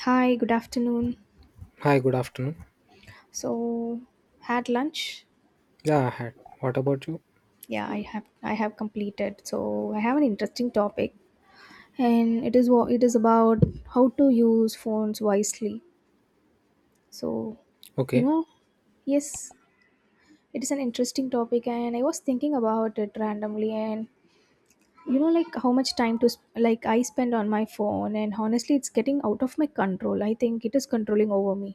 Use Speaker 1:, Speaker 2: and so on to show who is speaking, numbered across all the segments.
Speaker 1: Hi, good afternoon.
Speaker 2: Hi, good afternoon.
Speaker 1: So, had lunch?
Speaker 2: Yeah, I had. What about you?
Speaker 1: Yeah, I have completed. So, I have an interesting topic and it is about how to use phones wisely. So, you
Speaker 2: Okay.
Speaker 1: know, yes, it is an interesting topic and I was thinking about it randomly and like how much time to sp- like I spend on my phone. And honestly, it's getting out of my control. I think it is controlling over me,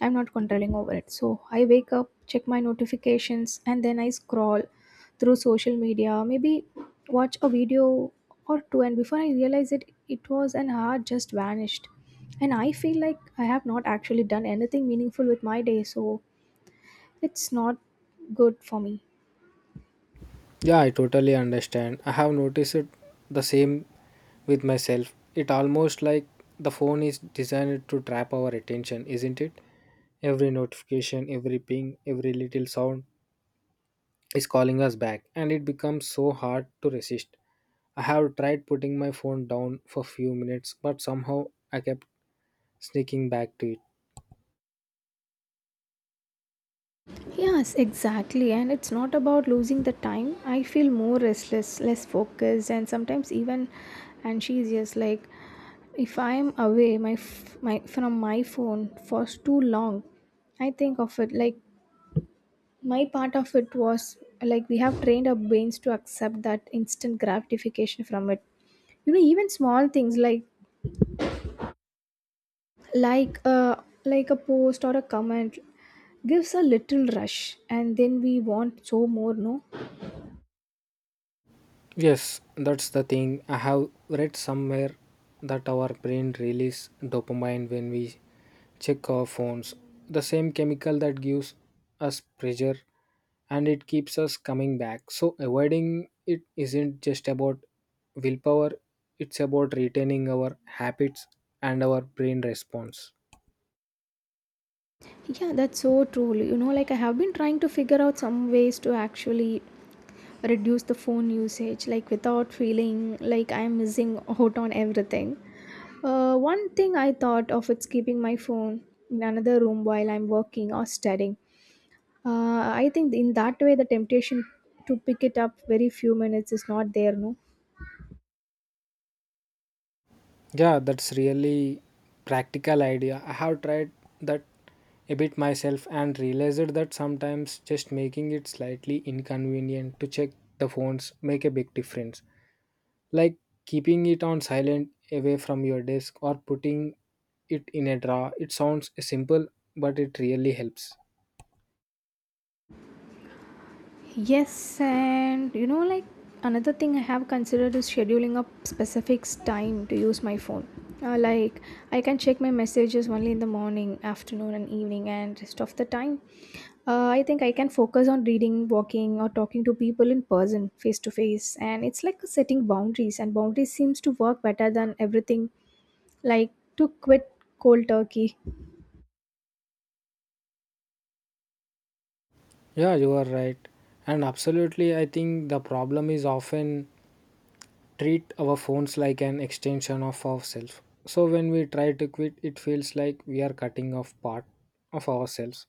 Speaker 1: I'm not controlling over it. So I wake up, check my notifications, and then I scroll through social media, maybe watch a video or two, and before I realize it, it was an hour just vanished. And I feel like I have not actually done anything meaningful with my day, so it's not good for me.
Speaker 2: Yeah, I totally understand. I have noticed it the same with myself. It almost like the phone is designed to trap our attention, isn't it? Every notification, every ping, every little sound is calling us back, and it becomes so hard to resist. I have tried putting my phone down for few minutes, but somehow I kept sneaking back to it
Speaker 1: Yes, exactly. And it's not about losing the time. I feel more restless, less focused, and sometimes even and she's just like if I'm away my f- my from my phone for too long, I think of it like my part of it was like we have trained our brains to accept that instant gratification from it. You know, even small things like like uh like a post or a comment gives a little rush and then we want so more, no?
Speaker 2: Yes, that's the thing. I have read somewhere that our brain releases dopamine when we check our phones, the same chemical that gives us pleasure and it keeps us coming back. So, avoiding it isn't just about willpower, it's about retaining our habits and our brain response.
Speaker 1: Yeah, that's so true. You know, like I have been trying to figure out some ways to actually reduce the phone usage, like without feeling like I'm missing out on everything. One thing I thought of is keeping my phone in another room while I'm working or studying. I think in that way, the temptation to pick it up very few minutes is not there, no?
Speaker 2: Yeah, that's really practical idea. I have tried that a bit myself and realized that sometimes just making it slightly inconvenient to check the phones make a big difference. Like keeping it on silent away from your desk or putting it in a drawer. It sounds simple, but it really helps.
Speaker 1: Yes, and you know, like another thing I have considered is scheduling a specific time to use my phone. Like I can check my messages only in the morning, afternoon, and evening, and rest of the time, I think I can focus on reading, walking, or talking to people in person, face to face. And it's like setting boundaries, and boundaries seems to work better than everything. Like to quit cold turkey.
Speaker 2: Yeah, you are right. And absolutely, I think the problem is often treat our phones like an extension of ourselves. So when we try to quit, it feels like we are cutting off part of ourselves.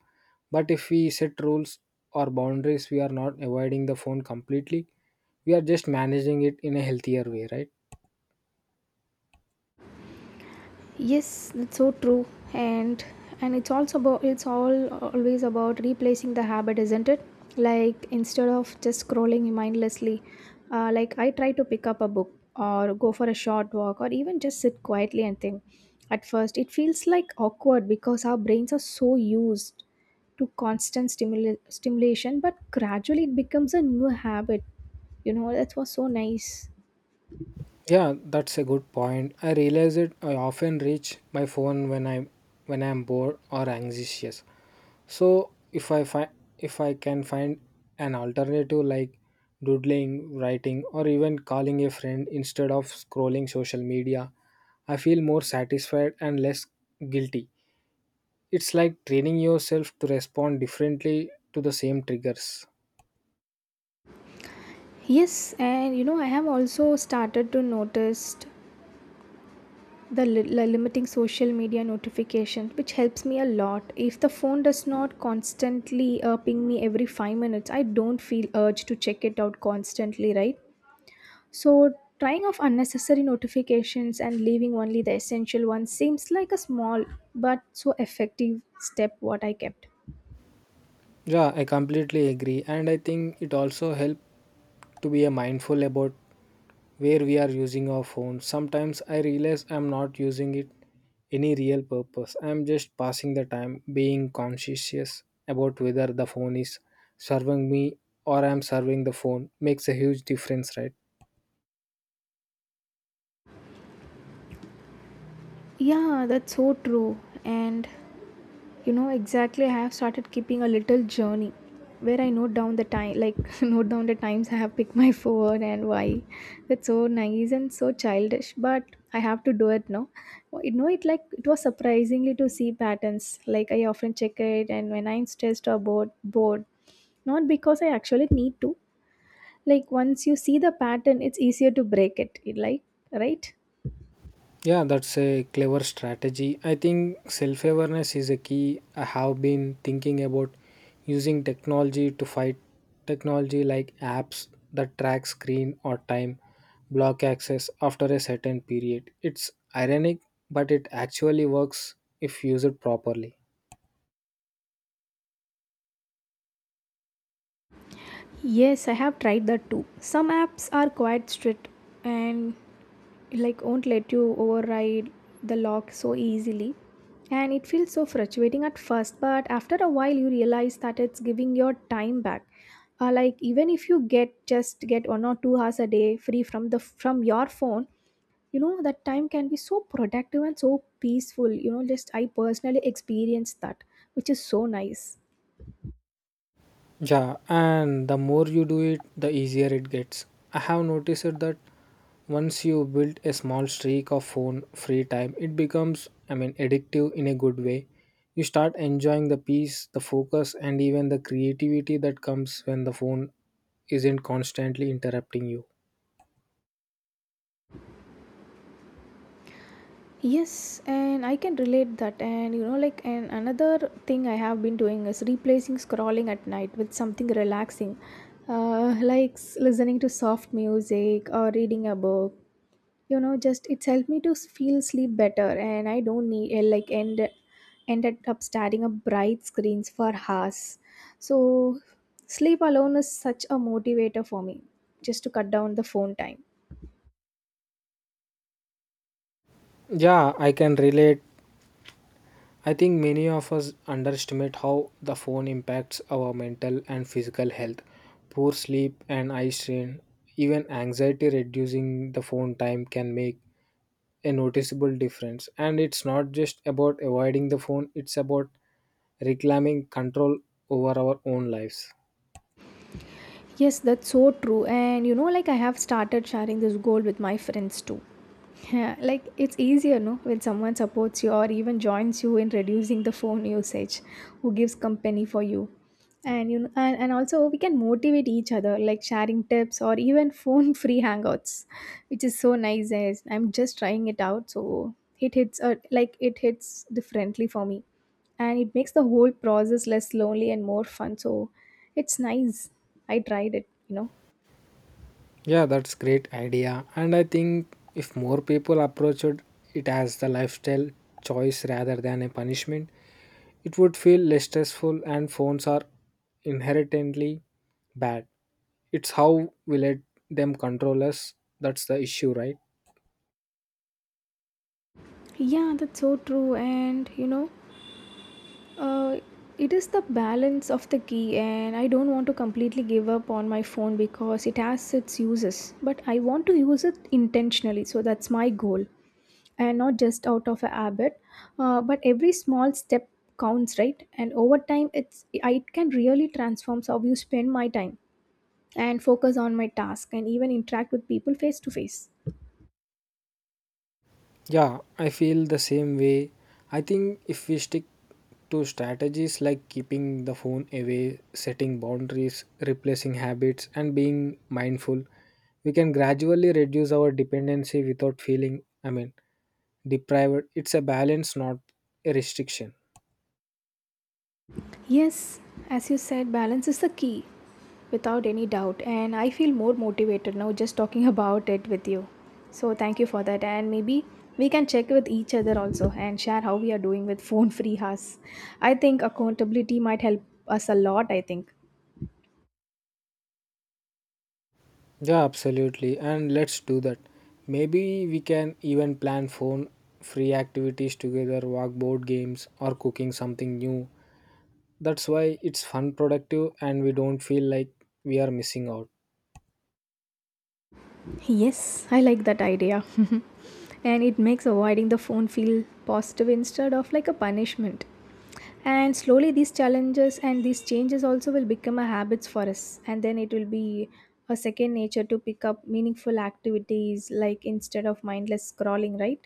Speaker 2: But if we set rules or boundaries, we are not avoiding the phone completely. We are just managing it in a healthier way, right?
Speaker 1: Yes, that's so true. And it's also about it's all always about replacing the habit, isn't it? Like instead of just scrolling mindlessly, like I try to pick up a book or go for a short walk or even just sit quietly and think. At first, it feels like awkward because our brains are so used to constant stimulation, but gradually it becomes a new habit. You know, that was so nice.
Speaker 2: Yeah, that's a good point. I realize it I often reach my phone when I'm bored or anxious. So if I can find an alternative like doodling, writing, or even calling a friend instead of scrolling social media, I feel more satisfied and less guilty. It's like training yourself to respond differently to the same triggers.
Speaker 1: Yes, and you know, I have also started to notice the limiting social media notifications, which helps me a lot. If the phone does not constantly ping me every 5 minutes, I don't feel urge to check it out constantly, right? So trying off unnecessary notifications and leaving only the essential ones seems like a small but so effective step what I kept.
Speaker 2: Yeah, I completely agree, and I think it also helps to be a mindful about where we are using our phone. Sometimes I realize I'm not using it any real purpose. I'm just passing the time, being conscientious about whether the phone is serving me or I'm serving the phone makes a huge difference, right?
Speaker 1: Yeah, that's so true. And exactly, I have started keeping a little journey where I note down the time, like note down the times I have picked my phone and why. That's so nice and so childish, but I have to do it now. You know, it like it was surprisingly to see patterns like I often check it and when I'm stressed or bored, not because I actually need to. Like once you see the pattern, it's easier to break it, like, right?
Speaker 2: Yeah, that's a clever strategy. I think self awareness is a key. I have been thinking about using technology to fight technology like apps that track screen or time, block access after a certain period. It's ironic, but it actually works if used properly.
Speaker 1: Yes, I have tried that too. Some apps are quite strict and like won't let you override the lock so easily. And it feels so frustrating at first, but after a while you realize that it's giving your time back. Like even if you get 1 or 2 hours a day free from the from your phone, you know that time can be so productive and so peaceful. You know, just I personally experienced that, which is so nice.
Speaker 2: Yeah, and the more you do it, the easier it gets. I have noticed that once you build a small streak of phone free time, it becomes, I mean, addictive in a good way. You start enjoying the peace, the focus, and even the creativity that comes when the phone isn't constantly interrupting you.
Speaker 1: Yes, and I can relate that. And you know, like, and another thing I have been doing is replacing scrolling at night with something relaxing, listening to soft music or reading a book. You know, just it's helped me to feel sleep better, and I don't need ended up staring at bright screens for hours. So sleep alone is such a motivator for me, just to cut down the phone time.
Speaker 2: Yeah, I can relate. I think many of us underestimate how the phone impacts our mental and physical health. Poor sleep and eye strain, even anxiety reducing the phone time can make a noticeable difference. And it's not just about avoiding the phone, it's about reclaiming control over our own lives.
Speaker 1: Yes, that's so true. And you know, like I have started sharing this goal with my friends too. Yeah, like it's easier, no, when someone supports you or even joins you in reducing the phone usage, who gives company for you. And you know, and, also we can motivate each other, like sharing tips or even phone free hangouts, which is so nice. As I'm just trying it out, so it hits it hits differently for me and it makes the whole process less lonely and more fun. So it's nice, I tried it, you know.
Speaker 2: Yeah, that's great idea. And I think if more people approached it as the lifestyle choice rather than a punishment, it would feel less stressful, and phones are inherently bad. It's how we let them control us that's the issue, right?
Speaker 1: Yeah, that's so true. And uh, it is the balance of the key and I don't want to completely give up on my phone because it has its uses, but I want to use it intentionally, so that's my goal. And not just out of a habit. But every small step counts, right? And over time, it can really transforms how you spend my time and focus on my task and even interact with people face to face.
Speaker 2: Yeah, I feel the same way. I think if we stick to strategies like keeping the phone away, setting boundaries, replacing habits, and being mindful, we can gradually reduce our dependency without feeling, I mean, deprived. It's a balance, not a restriction.
Speaker 1: Yes, as you said, balance is the key without any doubt. And I feel more motivated now just talking about it with you. So thank you for that. And maybe we can check with each other also and share how we are doing with phone free hours. I think accountability might help us a lot, I think.
Speaker 2: Yeah, absolutely. And let's do that. Maybe we can even plan phone free activities together, walk board games, or cooking something new. That's why it's fun, productive, and we don't feel like we are missing out.
Speaker 1: Yes, I like that idea. And it makes avoiding the phone feel positive instead of like a punishment. And slowly these challenges and these changes also will become a habits for us, and then it will be a second nature to pick up meaningful activities like instead of mindless scrolling, right?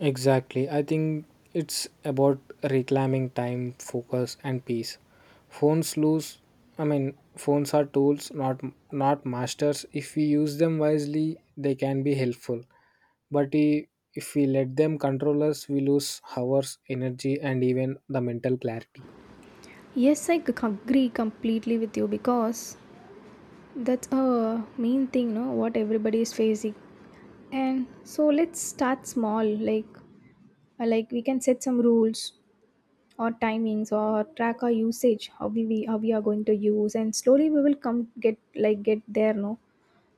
Speaker 2: Exactly. I think it's about reclaiming time, focus, and peace. Phones lose, I mean, phones are tools, not masters. If we use them wisely, they can be helpful. But if we let them control us, we lose hours, energy, and even the mental clarity.
Speaker 1: Yes, I agree completely with you because that's a main thing, no? What everybody is facing, and so let's start small. Like we can set some rules or timings or track our usage how we are going to use, and slowly we will come get like get there, no,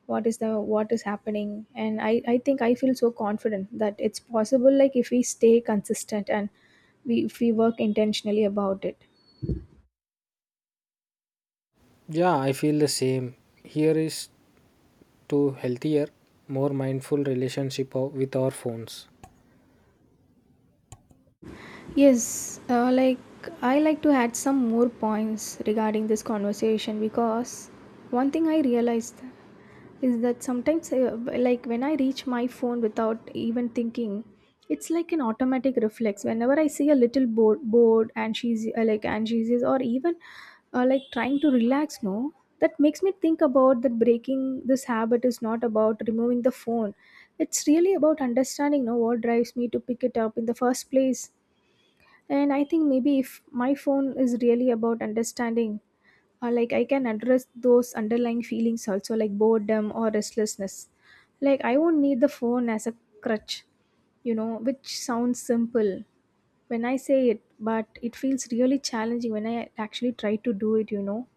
Speaker 1: what is happening. And I think I feel so confident that it's possible, like if we stay consistent and we if we work intentionally about it.
Speaker 2: Yeah, I feel the same. Here is to healthier, more mindful relationship with our phones.
Speaker 1: Yes, like I like to add some more points regarding this conversation because one thing I realized is that sometimes like when I reach my phone without even thinking, it's like an automatic reflex whenever I see a little bored bored and she's like and she's or even like trying to relax, no? That makes me think about that breaking this habit is not about removing the phone. It's really about understanding, no, what drives me to pick it up in the first place. And I think maybe if my phone is really about understanding, like I can address those underlying feelings also, like boredom or restlessness. Like I won't need the phone as a crutch. You know, which sounds simple when I say it, but it feels really challenging when I actually try to do it, you know.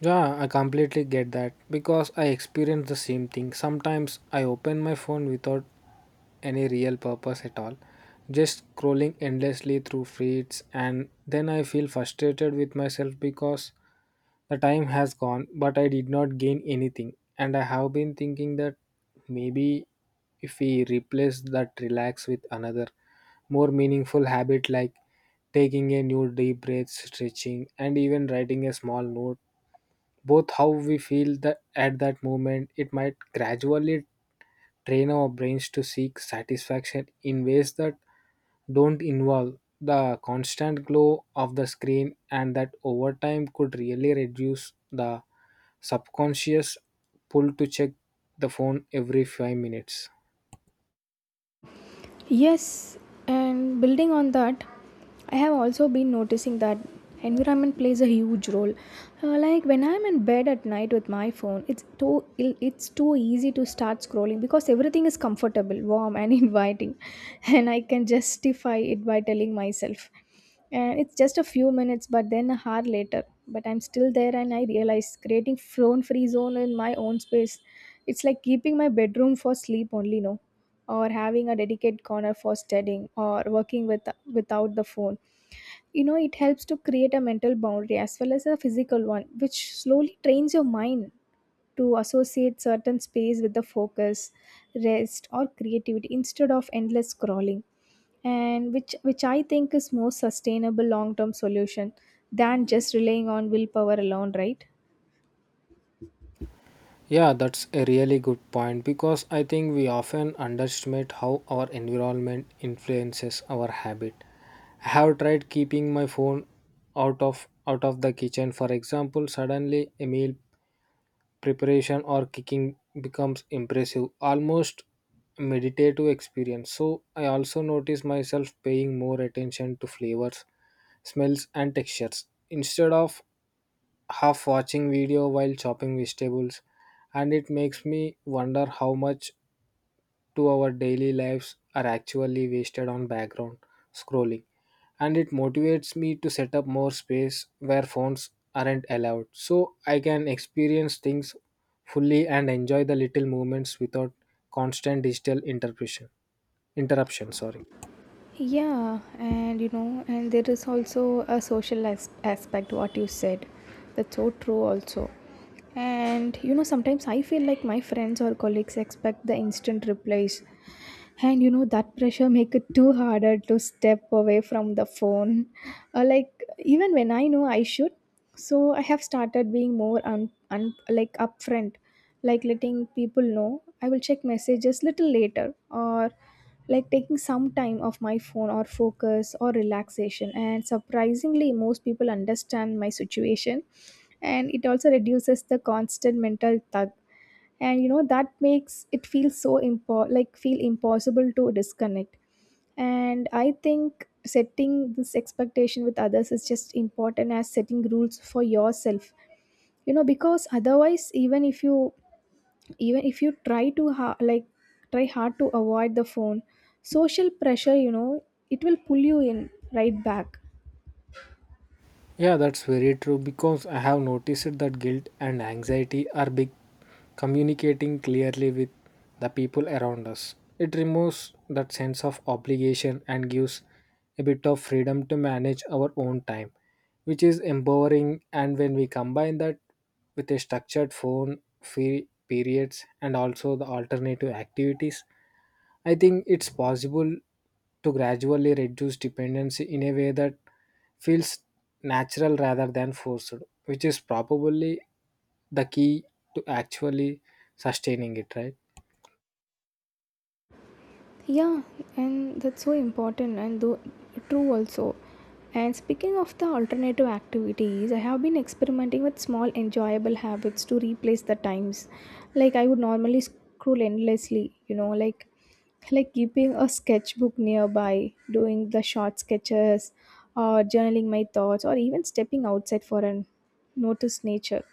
Speaker 2: Yeah, I completely get that because I experience the same thing. Sometimes I open my phone without any real purpose at all. Just scrolling endlessly through feeds, and then I feel frustrated with myself because the time has gone, but I did not gain anything. And I have been thinking that maybe if we replace that relax with another more meaningful habit like taking a new deep breath, stretching, and even writing a small note, both how we feel that at that moment, it might gradually train our brains to seek satisfaction in ways that don't involve the constant glow of the screen and that over time could really reduce the subconscious pull to check the phone every 5 minutes
Speaker 1: Yes, and building on that, I have also been noticing that environment plays a huge role. Like when I'm in bed at night with my phone, it's too easy to start scrolling because everything is comfortable, warm, and inviting, and I can justify it by telling myself, and it's just a few minutes, but then a hour later, but I'm still there. And I realize creating phone free zone in my own space, it's like keeping my bedroom for sleep only, no? Or having a dedicated corner for studying or working without the phone. You know, it helps to create a mental boundary as well as a physical one, which slowly trains your mind to associate certain space with the focus, rest, or creativity instead of endless scrolling. And which I think is more sustainable long term solution than just relying on willpower alone, right?
Speaker 2: yeah that's a really good point because I think we often underestimate how our environment influences our habit. I have tried keeping my phone out of the kitchen, for example. Suddenly, a meal preparation or kicking becomes impressive, almost meditative experience. So I also notice myself paying more attention to flavors, smells and textures instead of half watching video while chopping vegetables. And it makes me wonder how much to our daily lives are actually wasted on background scrolling. And it motivates me to set up more space where phones aren't allowed so I can experience things fully and enjoy the little moments without constant digital interruption. Interruption, sorry.
Speaker 1: Yeah, and you know, and there is also a social aspect, what you said. That's so true, also. And you know, sometimes I feel like my friends or colleagues expect the instant replies. And you know, that pressure make it too harder to step away from the phone. Like, even when I know I should. So I have started being more upfront like letting people know I will check messages little later, or like taking some time off my phone or focus or relaxation. And surprisingly most people understand my situation, and it also reduces the constant mental tug. And that makes it feel feel impossible to disconnect. And I think setting this expectation with others is just important as setting rules for yourself, because otherwise, even if you try hard to avoid the phone, social pressure, it will pull you in right back.
Speaker 2: Yeah, that's very true because I have noticed that guilt and anxiety are big communicating clearly with the people around us. It removes that sense of obligation and gives a bit of freedom to manage our own time, which is empowering. And when we combine that with a structured phone free periods and also the alternative activities, I think it's possible to gradually reduce dependency in a way that feels natural rather than forced, which is probably the key to actually sustaining it, right?
Speaker 1: Yeah, and that's so important and though true also. And speaking of the alternative activities, I have been experimenting with small enjoyable habits to replace the times. Like I would normally scroll endlessly, like keeping a sketchbook nearby, doing the short sketches, or journaling my thoughts, or even stepping outside for an notice nature.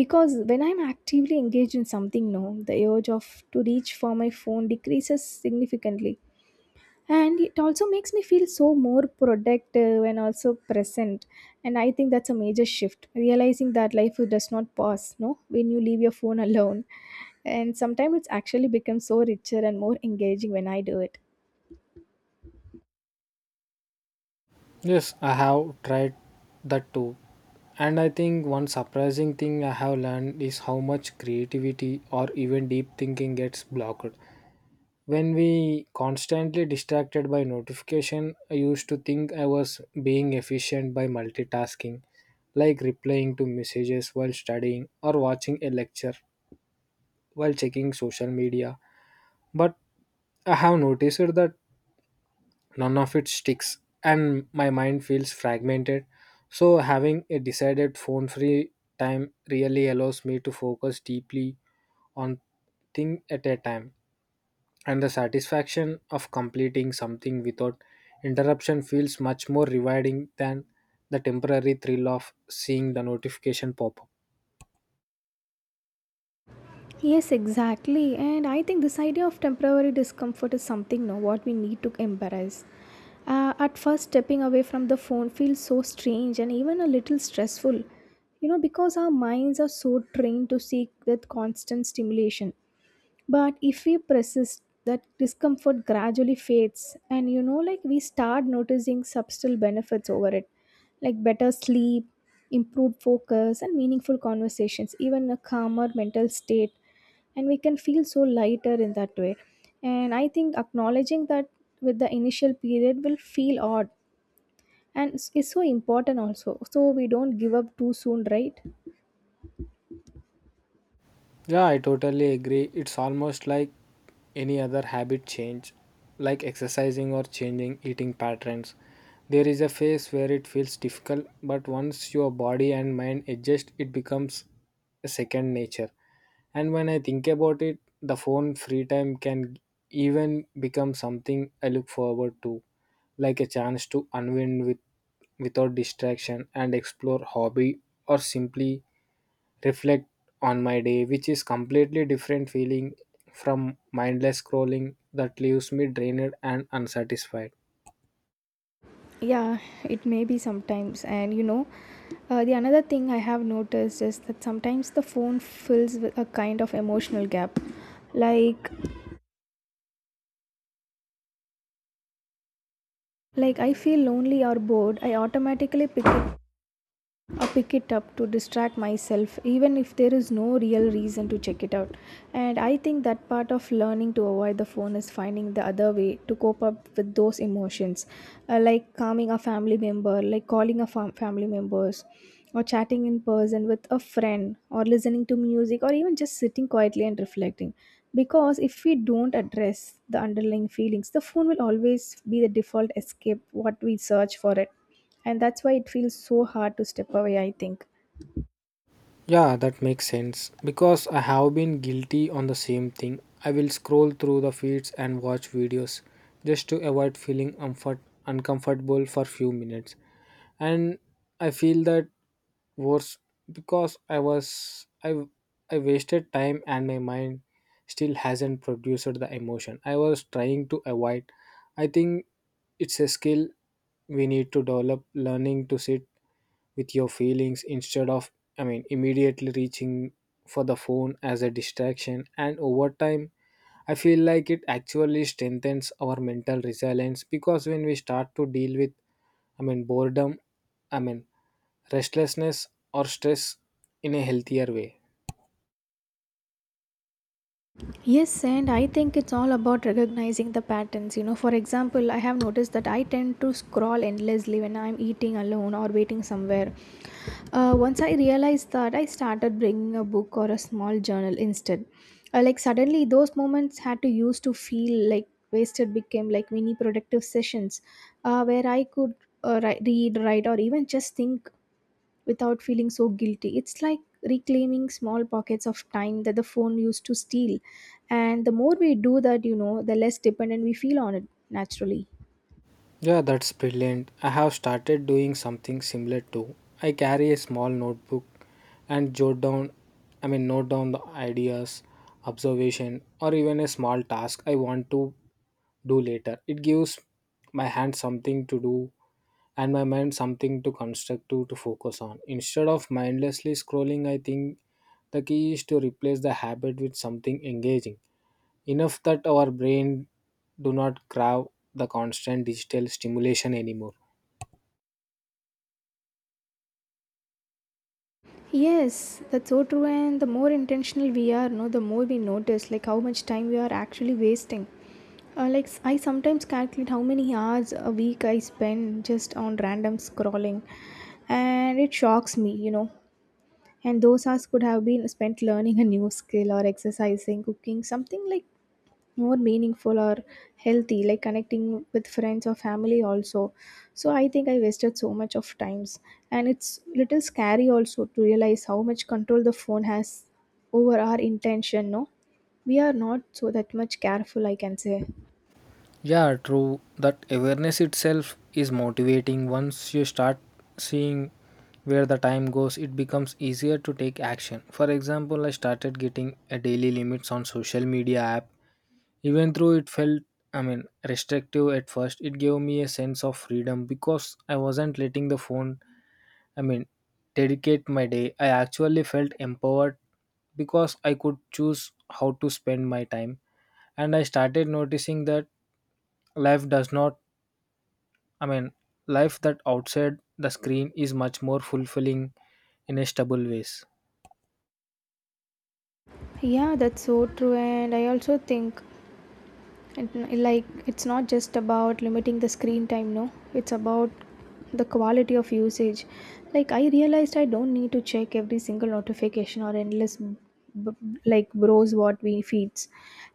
Speaker 1: Because when I'm actively engaged in something no, the urge of to reach for my phone decreases significantly, and it also makes me feel so more productive and also present. And I think that's a major shift, realizing that life does not pause no when you leave your phone alone, and sometimes it's actually becomes so richer and more engaging when I do it.
Speaker 2: Yes, I have tried that too. And I think one surprising thing I have learned is how much creativity or even deep thinking gets blocked when we constantly distracted by notification. I used to think I was being efficient by multitasking, like replying to messages while studying or watching a lecture while checking social media, but I have noticed that none of it sticks and my mind feels fragmented. So having a decided phone free time really allows me to focus deeply on thing at a time, and the satisfaction of completing something without interruption feels much more rewarding than the temporary thrill of seeing the notification pop up.
Speaker 1: Yes, exactly. And I think this idea of temporary discomfort is something no what we need to embrace. At first, stepping away from the phone feels so strange and even a little stressful, because our minds are so trained to seek that constant stimulation. But if we persist, that discomfort gradually fades, and we start noticing subtle benefits over it, like better sleep, improved focus, and meaningful conversations, even a calmer mental state. And we can feel so lighter in that way. And I think acknowledging that with the initial period will feel odd, and it's so important also, so we don't give up too soon, right?
Speaker 2: Yeah, I totally agree. It's almost like any other habit change, like exercising or changing eating patterns. There is a phase where it feels difficult, but once your body and mind adjust, it becomes a second nature. And when I think about it, the phone free time can even become something I look forward to, like a chance to unwind with without distraction and explore hobby or simply reflect on my day, which is completely different feeling from mindless scrolling that leaves me drained and unsatisfied.
Speaker 1: Yeah, it may be sometimes and the another thing I have noticed is that sometimes the phone fills with a kind of emotional gap, like like I feel lonely or bored, I automatically pick it up to distract myself, even if there is no real reason to check it out. And I think that part of learning to avoid the phone is finding the other way to cope up with those emotions, like calming a family member, like calling a family members, or chatting in person with a friend, or listening to music, or even just sitting quietly and reflecting. Because if we don't address the underlying feelings, the phone will always be the default escape what we search for it, and that's why it feels so hard to step away, I think.
Speaker 2: Yeah, that makes sense because I have been guilty on the same thing. I will scroll through the feeds and watch videos just to avoid feeling uncomfortable for few minutes. And I feel that worse because I wasted time and my mind still hasn't produced the emotion I was trying to avoid. I think it's a skill we need to develop learning to sit with your feelings instead of, I mean, immediately reaching for the phone as a distraction, and over time I feel like it actually strengthens our mental resilience because when we start to deal with, I mean, boredom, I mean, restlessness or stress in a healthier way.
Speaker 1: Yes, and I think it's all about recognizing the patterns. You know, for example, I have noticed that I tend to scroll endlessly when I'm eating alone or waiting somewhere. Once I realized that, I started bringing a book or a small journal instead. Suddenly, those moments had to use to feel like wasted became like mini productive sessions, where I could read, write, or even just think without feeling so guilty. It's like reclaiming small pockets of time that the phone used to steal. And the more we do that, the less dependent we feel on it naturally.
Speaker 2: Yeah, that's brilliant. I have started doing something similar too. I carry a small notebook and jot down, I mean, note down the ideas, observation, or even a small task I want to do later. It gives my hand something to do and my mind something to constructive to focus on. Instead of mindlessly scrolling, I think the key is to replace the habit with something engaging enough that our brain do not crave the constant digital stimulation anymore.
Speaker 1: Yes, that's so true. And the more intentional we are, no, the more we notice like how much time we are actually wasting. I sometimes calculate how many hours a week I spend just on random scrolling, and it shocks me, you know. And those hours could have been spent learning a new skill or exercising, cooking, something like more meaningful or healthy, like connecting with friends or family also. So I think I wasted so much of times, and it's little scary also to realize how much control the phone has over our intention, no, we are not so that much careful, I can say.
Speaker 2: Yeah, true. That awareness itself is motivating. Once you start seeing where the time goes, it becomes easier to take action. For example, I started getting a daily limits on social media app. Even though it felt, I mean, restrictive at first, it gave me a sense of freedom because I wasn't letting the phone, I mean, dedicate my day, I actually felt empowered because I could choose how to spend my time. And I started noticing that life does not, I mean, life that outside the screen is much more fulfilling in a stable ways.
Speaker 1: Yeah, that's so true. And I also think, and like it's not just about limiting the screen time, no, it's about the quality of usage. Like I realized I don't need to check every single notification or endless browse what we feeds,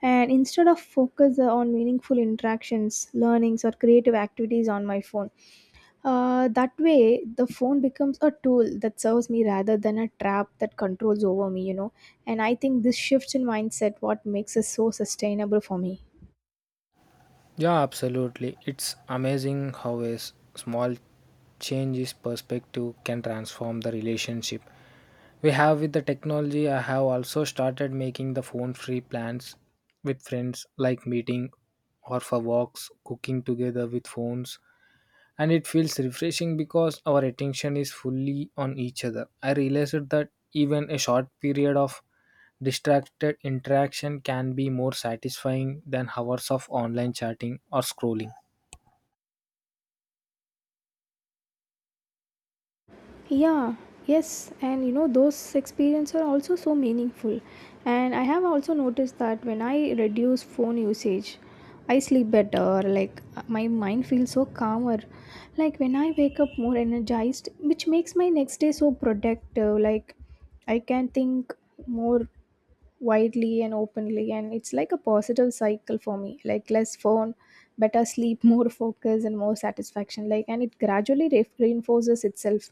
Speaker 1: and instead of focus on meaningful interactions, learnings, or creative activities on my phone. That way the phone becomes a tool that serves me rather than a trap that controls over me, and I think this shift in mindset what makes it so sustainable for me.
Speaker 2: Yeah, absolutely. It's amazing how a small changes perspective can transform the relationship we have with the technology. I have also started making the phone free plans with friends, like meeting or for walks, cooking together with phones, and it feels refreshing because our attention is fully on each other. I realized that even a short period of distracted interaction can be more satisfying than hours of online chatting or scrolling.
Speaker 1: Yeah, yes, and, those experiences are also so meaningful. And I have also noticed that when I reduce phone usage, I sleep better, like my mind feels so calmer. Like when I wake up more energized, which makes my next day so productive. Like I can think more widely and openly, and it's like a positive cycle for me, like less phone, better sleep, more focus and more satisfaction, like, and it gradually reinforces itself,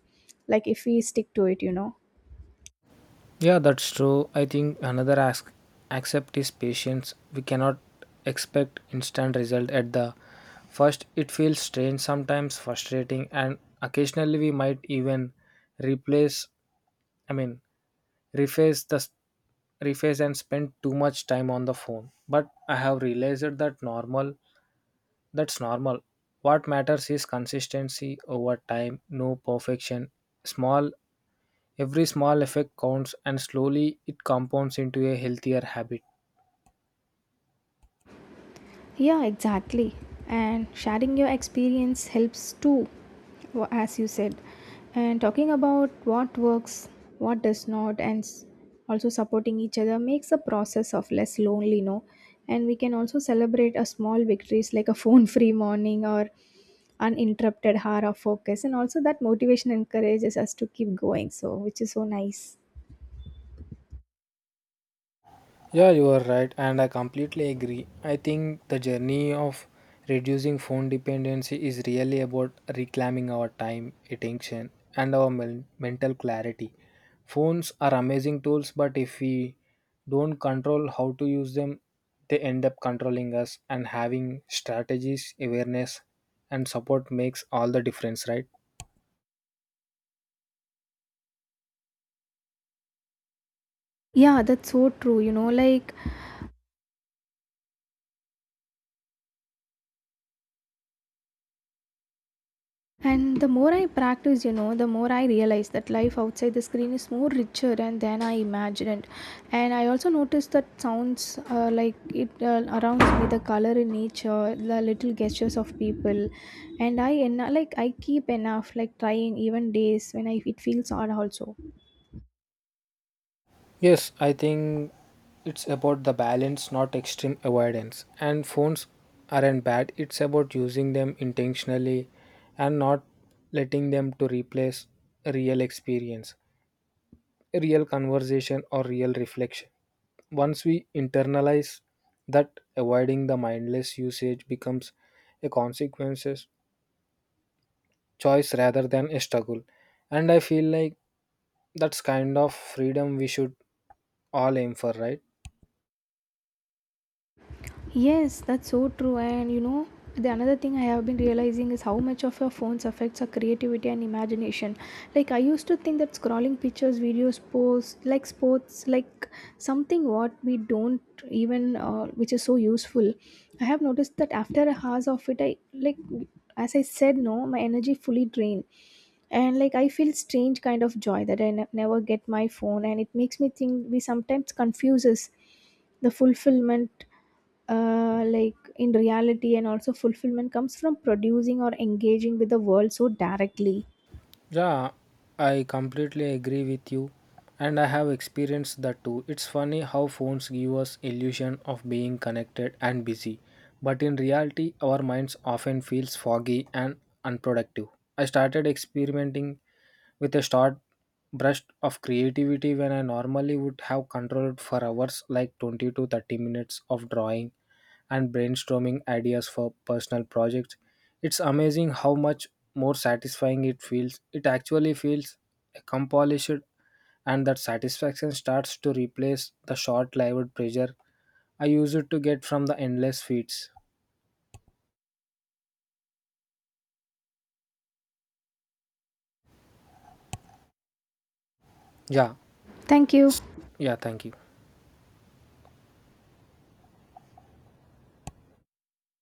Speaker 1: like if we stick to it, you know.
Speaker 2: Yeah, that's true. I think another ask accept is patience. We cannot expect instant result at the first. It feels strange sometimes, frustrating, and occasionally we might even replace. I mean, reface the reface and spend too much time on the phone, but I have realized that's normal. What matters is consistency over time, no perfection. Small Every small effect counts, and slowly it compounds into a healthier habit.
Speaker 1: Yeah, exactly. And sharing your experience helps too, as you said. And talking about what works, what does not, and also supporting each other makes the process of less lonely, no? And we can also celebrate a small victories like a phone free morning or uninterrupted hour of focus. And also that motivation encourages us to keep going, so which is so nice.
Speaker 2: Yeah, you are right, and I completely agree. I think the journey of reducing phone dependency is really about reclaiming our time, attention, and our mental clarity. Phones are amazing tools, but if we don't control how to use them, they end up controlling us, and having strategies, awareness, and support makes all the difference, right?
Speaker 1: Yeah, that's so true. And the more I practice, the more I realize that life outside the screen is more richer and than I imagined. And I also noticed that sounds like it around me, the color in nature, the little gestures of people, and I I keep enough like trying even days when I it feels odd also.
Speaker 2: Yes, I think it's about the balance, not extreme avoidance. And phones aren't bad. It's about using them intentionally and not letting them to replace real experience, real conversation or real reflection. Once we internalize that, avoiding the mindless usage becomes a consequences choice rather than a struggle. And I feel like that's kind of freedom we should all aim for, right?
Speaker 1: Yes, that's so true. And, the another thing I have been realizing is how much of your phones affects our creativity and imagination. Like I used to think that scrolling pictures, videos, posts, like sports, like something what we don't even, which is so useful. I have noticed that after a hours of it, I like, as I said, no, my energy fully drained, and like I feel strange kind of joy that I never get my phone, and it makes me think we sometimes confuses the fulfillment, like in reality. And also fulfillment comes from producing or engaging with the world so directly.
Speaker 2: Yeah, I completely agree with you, and I have experienced that too. It's funny how phones give us illusion of being connected and busy, but in reality our minds often feels foggy and unproductive. I started experimenting with a short burst of creativity when I normally would have controlled for hours, like 20 to 30 minutes of drawing and brainstorming ideas for personal projects. It's amazing how much more satisfying it feels. It actually feels accomplished, and that satisfaction starts to replace the short lived pressure I used to get from the endless feeds. Yeah,
Speaker 1: Thank you.
Speaker 2: yeah, thank you.